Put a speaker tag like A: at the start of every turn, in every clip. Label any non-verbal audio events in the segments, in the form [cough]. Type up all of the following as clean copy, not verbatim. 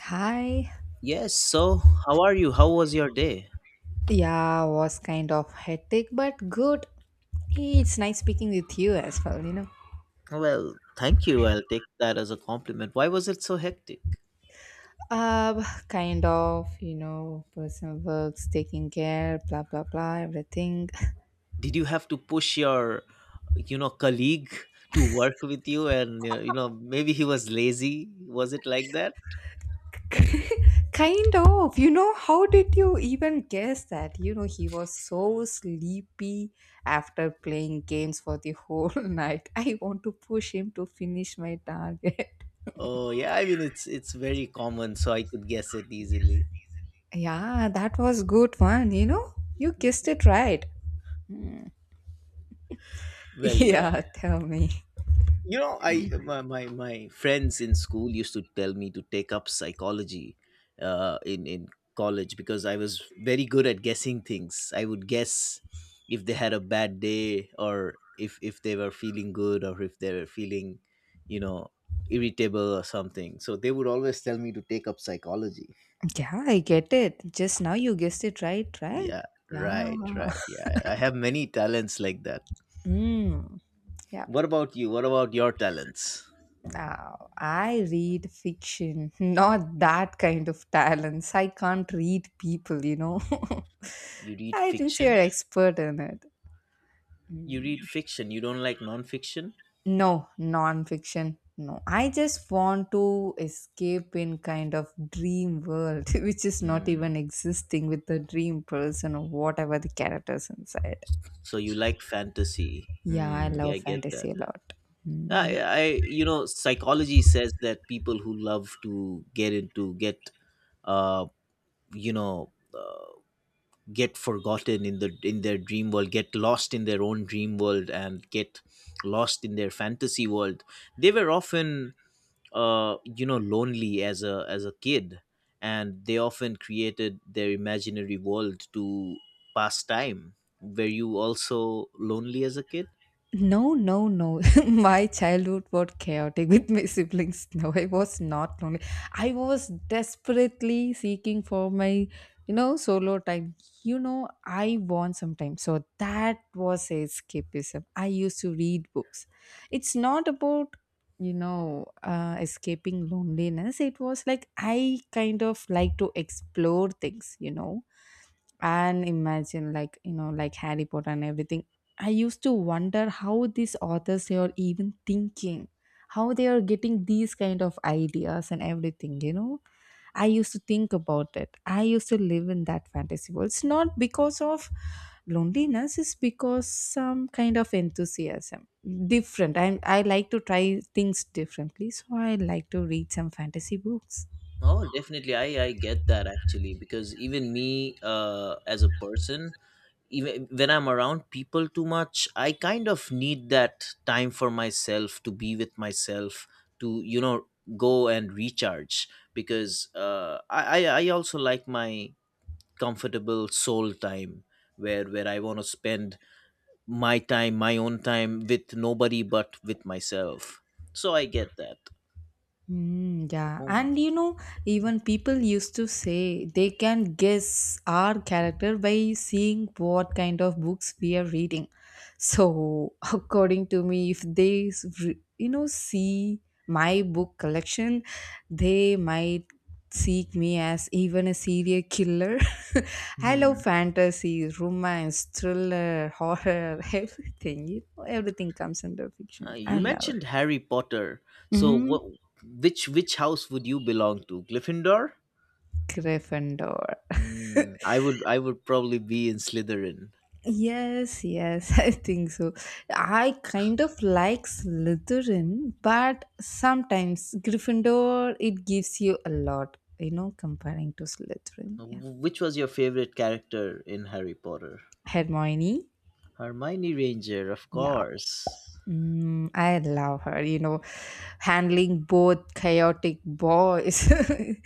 A: Hi.
B: Yes, so how are you? How was your day?
A: Yeah, was kind of hectic but good. Hey, it's nice speaking with you as well.
B: Well, thank you. I'll take that as a compliment. Why was it so hectic?
A: Kind of, personal works, taking care, blah blah blah, everything.
B: Did you have to push your, colleague to work with you and maybe he was lazy? Was it like that?
A: [laughs] Kind of, how did you even guess that? He was so sleepy after playing games for the whole [laughs] night. I want to push him to finish my target.
B: Oh, yeah, I mean it's very common, so I could guess it easily.
A: [laughs] yeah, that was good one, you know. You guessed it right. [laughs]
B: Well, yeah.
A: Yeah, tell me.
B: you know I my, my my friends in school used to tell me to take up psychology in college because I was very good at guessing things. I would guess if they had a bad day, or if they were feeling good, or if they were feeling, you know irritable or something, so they would always tell me to take up psychology.
A: Yeah, I get it. Just now you guessed it right, right?
B: Yeah,
A: Yeah.
B: right, right, yeah, I have many talents like that.
A: Mm, yep.
B: What about you? What about your talents?
A: Now, I read fiction, [laughs] not that kind of talents. I can't read people.
B: You
A: [laughs]
B: read
A: I think you're
B: fiction.
A: expert in it.
B: You
A: Mm,
B: read fiction. You don't like non-fiction.
A: no, non-fiction. No, I just want to escape in kind of dream world, [laughs] which is not
B: Hmm.
A: even existing with the dream person or whatever the characters inside.
B: So you like fantasy.
A: Yeah, I
B: Hmm. Yeah, I
A: love
B: get that.
A: fantasy a lot. Hmm.
B: Psychology says that people who love to get into get, uh, you know, get forgotten in their dream world, get lost in their own dream world, and get lost in their fantasy world. They were often, lonely as a kid, and they often created their imaginary world to pass time. Were you also lonely as a kid?
A: No, no, no. [laughs] My childhood was chaotic with my siblings. No, I was not lonely. I was desperately seeking for my solo time. I want some time. So that was escapism. I used to read books. It's not about escaping loneliness. It was like I kind of like to explore things, and imagine like like Harry Potter and everything. I used to wonder how these authors they are even thinking how they are getting these kind of ideas and everything. I used to think about it. I used to live in that fantasy world. It's not because of loneliness. It's because some kind of enthusiasm different. I like to try things differently, so I like to read some fantasy books.
B: Oh, definitely. I get that, actually, because even me, as a person, even when I'm around people too much, I kind of need that time for myself, to be with myself, to, go and recharge, because I also like my comfortable soul time, where I want to spend my own time with nobody but with myself. So I get that.
A: Mm, yeah,
B: Oh.
A: and even people used to say they can guess our character by seeing what kind of books we are reading. So, [laughs] according to me, if they see my book collection, they might seek me as even a serial killer. [laughs] I love
B: Mhm.
A: fantasy, romance, thriller, horror, [laughs] everything. Everything comes under fiction. I
B: You
A: love
B: mentioned Harry Potter, so what,
A: it.
B: which house would you belong to? Gryffindor?
A: Gryffindor.
B: Hmm,
A: [laughs]
B: I would probably be in Slytherin.
A: Yes, yes, [laughs] I think so. I kind of like Slytherin, but sometimes Gryffindor it gives you a lot, comparing to Slytherin. Yeah.
B: Which was your favorite character in Harry Potter?
A: Hermione.
B: Hermione Ranger, of
A: Yeah,
B: course.
A: mm, I love her. Handling both chaotic boys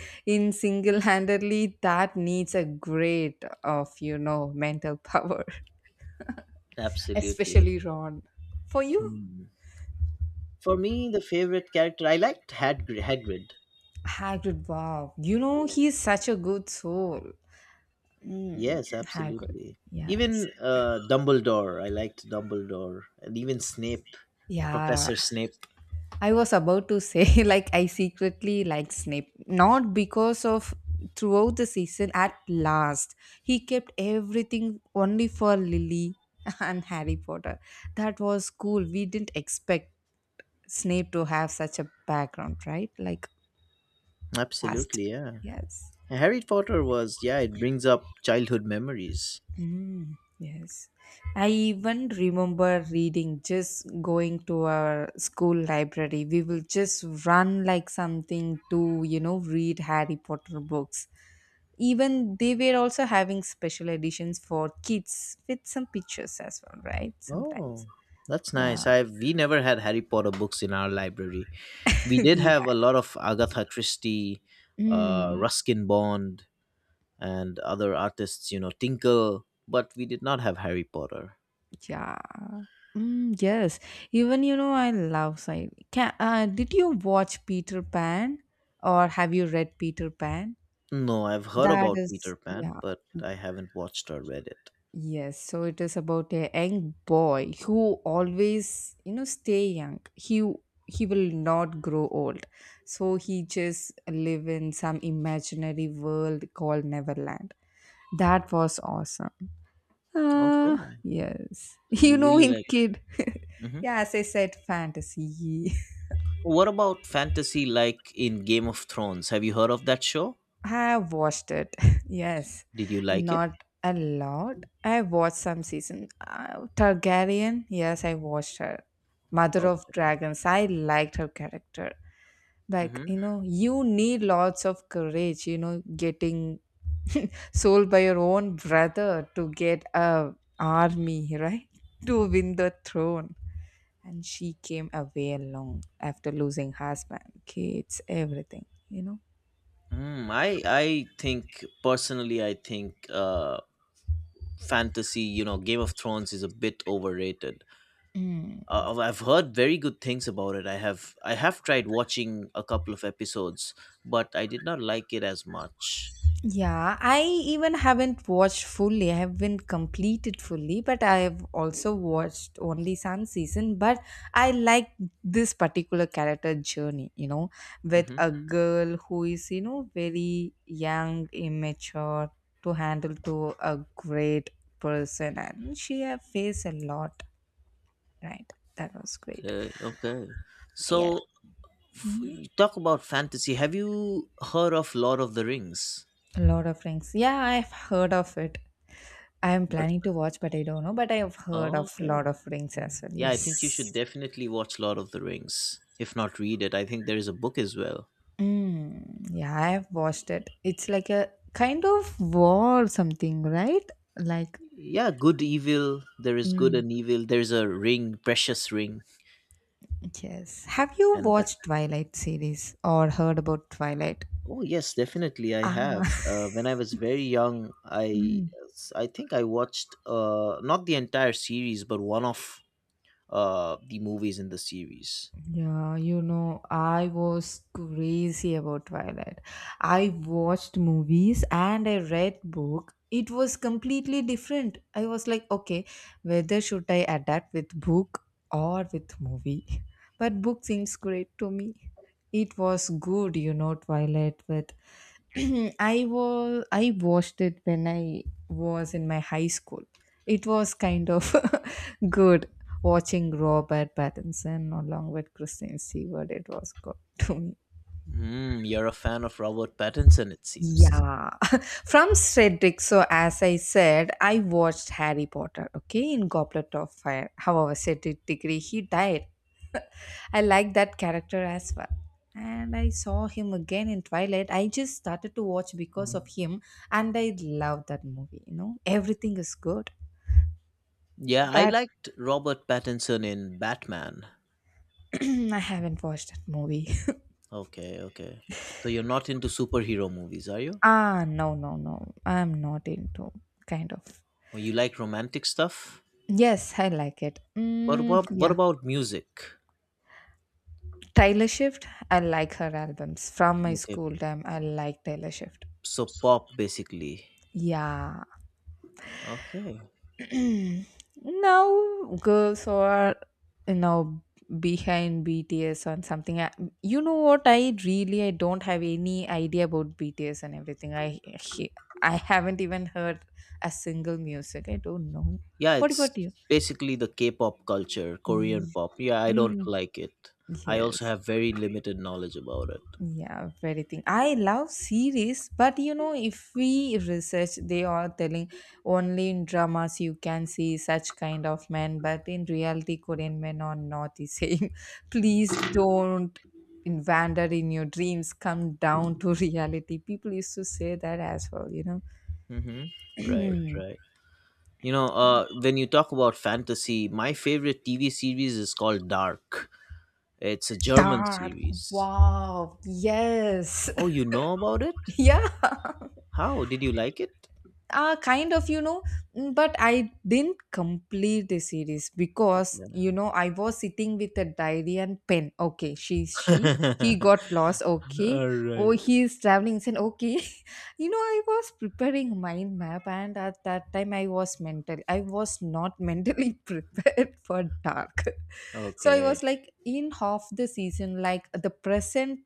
A: [laughs] in single-handedly that needs a great of mental power, [laughs]
B: Absolutely.
A: especially Ron. For you?
B: Hmm. For me, the favorite character I liked, Hagrid.
A: Hagrid, wow. He's such a good soul. Mm,
B: Yes,
A: Hagrid,
B: absolutely.
A: yes.
B: Even, Dumbledore. I liked Dumbledore, and even Snape,
A: Yeah,
B: Professor Snape.
A: I was about to say, [laughs] like, I secretly like Snape. Not because of throughout the season, at last, he kept everything only for Lily [laughs] and Harry Potter. That was cool. We didn't expect Snape to have such a background, right? Like, past.
B: Absolutely, yeah.
A: Yes.
B: Harry Potter was, yeah. It brings up childhood memories.
A: Mm, yes. I even remember reading just going to our school library. We will just run like something to read Harry Potter books. Even they were also having special editions for kids with some pictures as well, right?
B: Oh,
A: Sometimes.
B: that's
A: Yeah.
B: nice. I, we never had Harry Potter books in our library. We
A: [laughs]
B: did
A: we
B: have
A: had.
B: a lot of Agatha Christie,
A: Mm,
B: Ruskin Bond, and other artists. You know, Tinkle, but we did not have Harry Potter.
A: yeah. Mm, yes. Even, I love sci. Did you watch Peter Pan or have you read Peter Pan?
B: No, I've heard
A: That
B: about
A: is,
B: Peter Pan,
A: yeah,
B: but I haven't watched or read it.
A: yes. So it is about a young boy who always, stay young. He will not grow old. So he just live in some imaginary world called Neverland. That was awesome. Ah,
B: Okay.
A: yes. [laughs]
B: So
A: You
B: you
A: know,
B: really
A: in
B: like.
A: kid, [laughs]
B: Hmm.
A: yeah, as I said, fantasy.
B: What about fantasy, like in Game of Thrones? Have you heard of that show?
A: I have watched it. [laughs] Yes,
B: Did you like it?
A: not a lot. I watched some season. Targaryen. Yes, I watched her. Mother of
B: Okay.
A: Dragons. I liked her character. Like you
B: Hmm.
A: know, you need lots of courage. Getting [laughs] sold by your own brother to get a army right [laughs] to win the throne. And she came away alone after losing husband, kids, everything.
B: Mm, I think personally, I think, fantasy. You know, Game of Thrones is a bit overrated.
A: Mm.
B: I've heard very good things about it. I have tried watching a couple of episodes, but I did not like it as much.
A: Yeah, I even haven't watched fully. I haven't completed fully, but I have also watched only some season. But I like this particular character journey, with
B: Hmm.
A: a girl who is, very young, immature to handle to a great person, and she have faced a lot, right? That was great.
B: Okay. Okay.
A: Yeah.
B: So,
A: Mhm.
B: you talk about fantasy. Have you heard of Lord of the Rings?
A: A lot of rings. Yeah, I've heard of it. I am
B: But
A: planning to watch, but I don't know. But I have heard
B: oh,
A: of Lord
B: okay,
A: of Rings as well.
B: yeah, I think you should
A: Yes.
B: definitely watch Lord of the Rings, if not read it. I think there is a book as well.
A: Mm, yeah, I have watched it. It's like a kind of war or something, right? Like,
B: Yeah, good evil. There is good
A: mm,
B: and evil. There is a ring, precious ring,
A: yes. Have you
B: and that.
A: watched Twilight series or heard about Twilight?
B: Oh yes, definitely I
A: Ah,
B: have. When I was very young,
A: [laughs]
B: I
A: mm.
B: I think I watched, not the entire series, but one of, the movies in the series.
A: Yeah, I was crazy about Twilight. I watched movies and I read book. It was completely different. I was like, okay, whether should I adapt with book or with movie? [laughs] But book seems great to me. It was good, Twilight with [clears throat] I watched it when I was in my high school. It was kind of [laughs] good watching Robert Pattinson along with Kristen Stewart, it was good [laughs] to me.
B: Hmm, you're a fan of Robert Pattinson, it seems.
A: Yeah, [laughs] from Shreddick. So, as I said, I watched Harry Potter, okay, in Goblet of Fire. However, Cedric Diggory, he died. [laughs] I like that character as well. And I saw him again in Twilight. I just started to watch because of him, and I love that movie. Everything is good,
B: Yeah, I
A: but
B: liked Robert Pattinson in Batman.
A: [clears throat] I haven't watched that movie.
B: Okay, okay. So you're not into superhero movies, are you?
A: Ah, no, no, no. I'm not into kind of.
B: Or you like romantic stuff?
A: Yes, I like it.
B: What
A: Mm,
B: what what
A: yeah.
B: about music?
A: Taylor Swift, I like her albums. From my
B: Okay,
A: school time, I like Taylor Swift.
B: so pop basically.
A: Yeah.
B: Okay.
A: [clears throat] Now, girls who are, you know, behind BTS and something. You know what? I don't have any idea about BTS and everything. I haven't even heard a single music. I don't know.
B: Yeah,
A: What about
B: it's
A: you?
B: basically the K-pop culture, Korean pop. Yeah, I don't
A: Mm.
B: like it. I
A: Yes.
B: also have very limited knowledge about it.
A: Yeah, very thing. I love series, but if we research, they are telling only in dramas you can see such kind of men, but in reality, Korean men are not the same. [laughs] Please don't wander in your dreams, come down to [laughs] reality. People used to say that as well,
B: Mm-hmm. Right,
A: know.
B: right. You know, when you talk about fantasy, my favorite TV series is called Dark. It's a
A: [clears throat]
B: German
A: Dark.
B: series.
A: Wow. Yes. [laughs]
B: Oh, you know about it?
A: Yeah.
B: How did you like it?
A: Kind of. But I didn't complete the series because
B: Okay.
A: I was sitting with a diary and pen, okay. She's she he got
B: [laughs]
A: lost, okay.
B: All
A: Oh,
B: right.
A: he's traveling, said, okay. [laughs] I was preparing mind map, and at that time I was not [laughs] mentally prepared for dark. [laughs] So I
B: Okay.
A: was like in half the season, like the present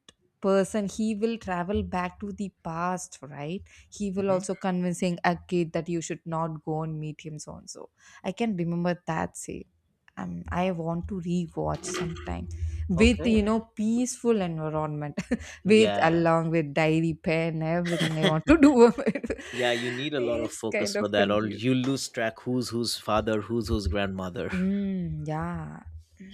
A: person he will travel back to the past, right. He will
B: Hmm.
A: also convincing a kid that you should not go and meet him, so and so. I can remember that scene. I want to rewatch sometime with
B: Okay.
A: peaceful environment [laughs] with
B: Yeah.
A: along with diary pen everything I want to
B: [laughs]
A: do.
B: Yeah, you need
A: [laughs]
B: a lot of
A: It's
B: focus
A: kind of
B: for that, or
A: confusing.
B: you lose track who's whose father, who's whose grandmother.
A: Mm, yeah.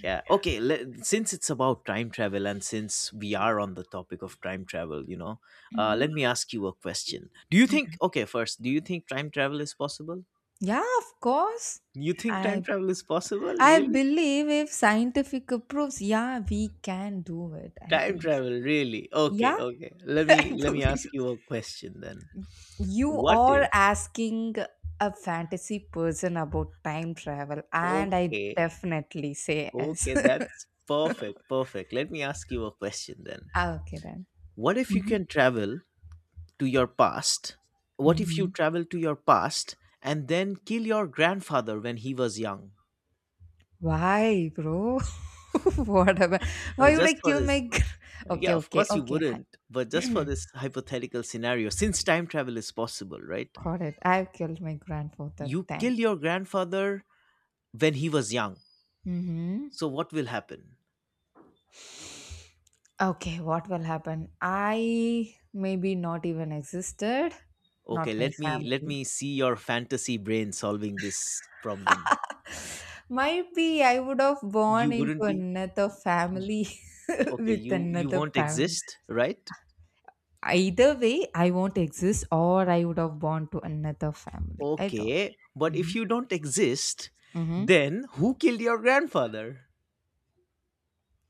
B: Yeah. Okay. Let, since it's about time travel, and since we are on the topic of time travel, you know,
A: Hmm.
B: let me ask you a question. Do you think, okay, first, do you think time travel is possible?
A: Yeah, of course.
B: You think time
A: I
B: travel is possible?
A: I
B: Really?
A: believe if scientific approves, yeah, we can do it. I
B: Time
A: think so.
B: travel, really? Okay.
A: Yeah,
B: Okay.
A: [laughs] I
B: Let me
A: believe.
B: ask you a question then.
A: You
B: What
A: are
B: if,
A: asking a fantasy person about time travel, and I
B: okay,
A: definitely say yes.
B: okay,
A: [laughs]
B: that's perfect. Perfect. Let me ask you a question then.
A: Ah, okay, then.
B: What if you
A: Mhm.
B: can travel to your past? What if you
A: Hmm.
B: travel to your past and then kill your grandfather when he was young?
A: Why, bro? [laughs] what about? Why would I
B: Just for
A: kill
B: this.
A: my?
B: Yeah,
A: Okay,
B: of
A: okay,
B: course you
A: okay.
B: wouldn't, but just for
A: [clears throat]
B: this hypothetical scenario, since time travel is possible, right?
A: Got it. I've killed my grandfather
B: You kill
A: then.
B: your grandfather when he was young.
A: Hmm.
B: So what will happen?
A: Okay, what will happen? I maybe not even existed,
B: Okay,
A: not my
B: let
A: family.
B: me see your fantasy brain solving this problem.
A: Might be I would have born
B: You
A: into
B: wouldn't be,
A: another
B: y- y-
A: family [laughs]
B: okay,
A: with
B: you
A: another
B: won't
A: parents.
B: exist, right?
A: Either way, I won't exist or I would have born to another family. I don't.
B: Okay, but if
A: Mm-hmm.
B: you don't exist,
A: Mm-hmm.
B: then who killed your grandfather?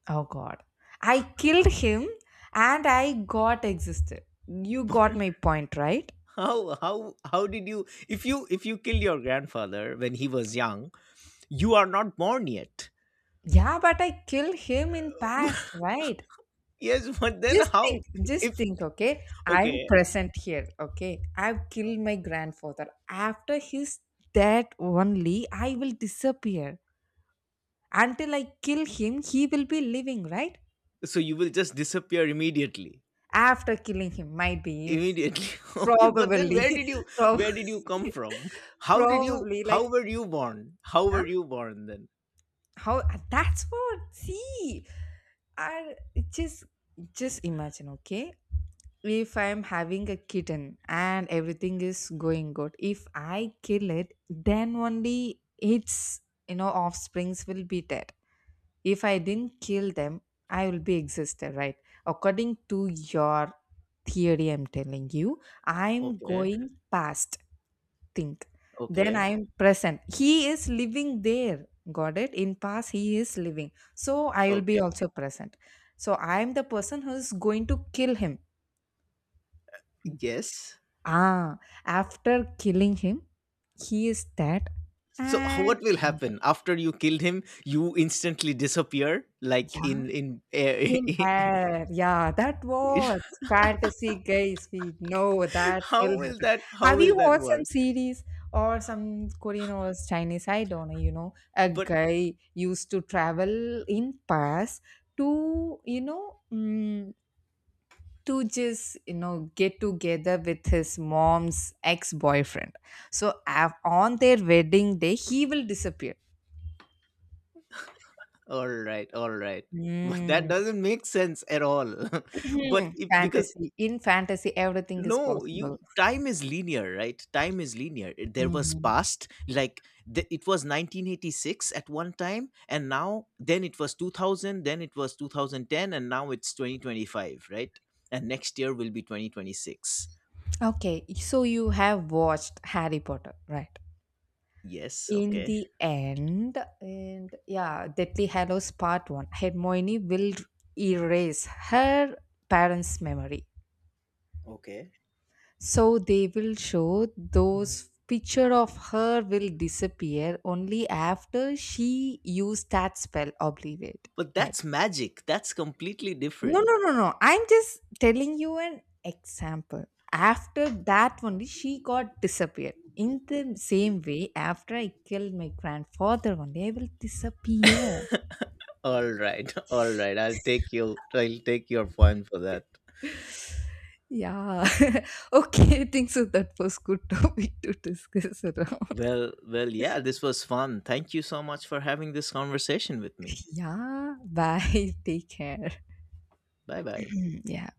A: Oh God. I killed him and I got existed. You got my point, right?
B: How did you, if you, if you killed your grandfather when he was young, you are not born yet.
A: Yeah, but I killed him in past,
B: [laughs]
A: right?
B: Yes, but then how,
A: Just
B: if
A: think, okay? I'm
B: okay,
A: present here, okay? I've killed my grandfather. After his death only, I will disappear. Until I kill him, he will be living, right?
B: so you will just disappear immediately.
A: After killing him, might be,
B: Immediately. [laughs] Okay, but then
A: probably, [laughs] prob-
B: where did you come from?
A: [laughs]
B: How did you
A: probably, like,
B: how were you born? How
A: huh?
B: were you born then?
A: How? That's what, see, I just, just imagine, okay? If I'm having a kitten and everything is going good, if I kill it, then only its offsprings will be dead. If I didn't kill them, I will be existed, right? According to your theory, I'm telling you, I'm
B: Okay.
A: going past. Think, then
B: Okay.
A: I'm present. He is living there. Got it? In past, he is living, so I will be
B: Okay.
A: also present. So I'm the person who is going to kill him.
B: Yes.
A: Ah, after killing him, he is dead.
B: So [laughs]
A: And
B: what will
A: another-
B: happen after you killed him? You instantly disappear, like
A: yeah,
B: in.
A: in air, yeah, that was
B: [laughs]
A: fantasy, guys. We know that will happen.
B: How
A: Have
B: will
A: you
B: that
A: watched some
B: work?
A: series or some Korean or Chinese? I don't know. A
B: But
A: guy used to travel in past to to just get together with his mom's ex-boyfriend, so on their wedding day he will disappear.
B: all right, all right. But that
A: Mm.
B: doesn't make sense at all. [laughs] But
A: [clears throat]
B: if, because
A: Fantasy in fantasy, everything is
B: no, you
A: possible.
B: time is linear, right? Time is linear. There was
A: Mhm.
B: past, like, the, it was 1986 at one time, and now then it was 2000, then it was 2010, and now it's 2025, right? And next year will be 2026.
A: Okay, so you have watched Harry Potter, right?
B: Yes,
A: In
B: okay.
A: the end, and yeah, Deathly Hallows Part one, Hermione will erase her parents memory.
B: Okay.
A: So they will show those picture of her will disappear only after she used that spell obliterate,
B: But
A: right?
B: that's magic. That's completely
A: No,
B: different.
A: no, no, no. I'm just telling you an example. After that only, she got disappeared. In the same way, after I killed my grandfather only I will disappear.
B: All right. [laughs] All right, I'll take your point for that.
A: Yeah. [laughs] Okay, I think so. That was good [laughs] topic to discuss around.
B: Well, yeah, this was fun. Thank you so much for having this conversation with me.
A: Yeah. Bye. [laughs] Take care.
B: Bye bye.
A: [clears throat] yeah.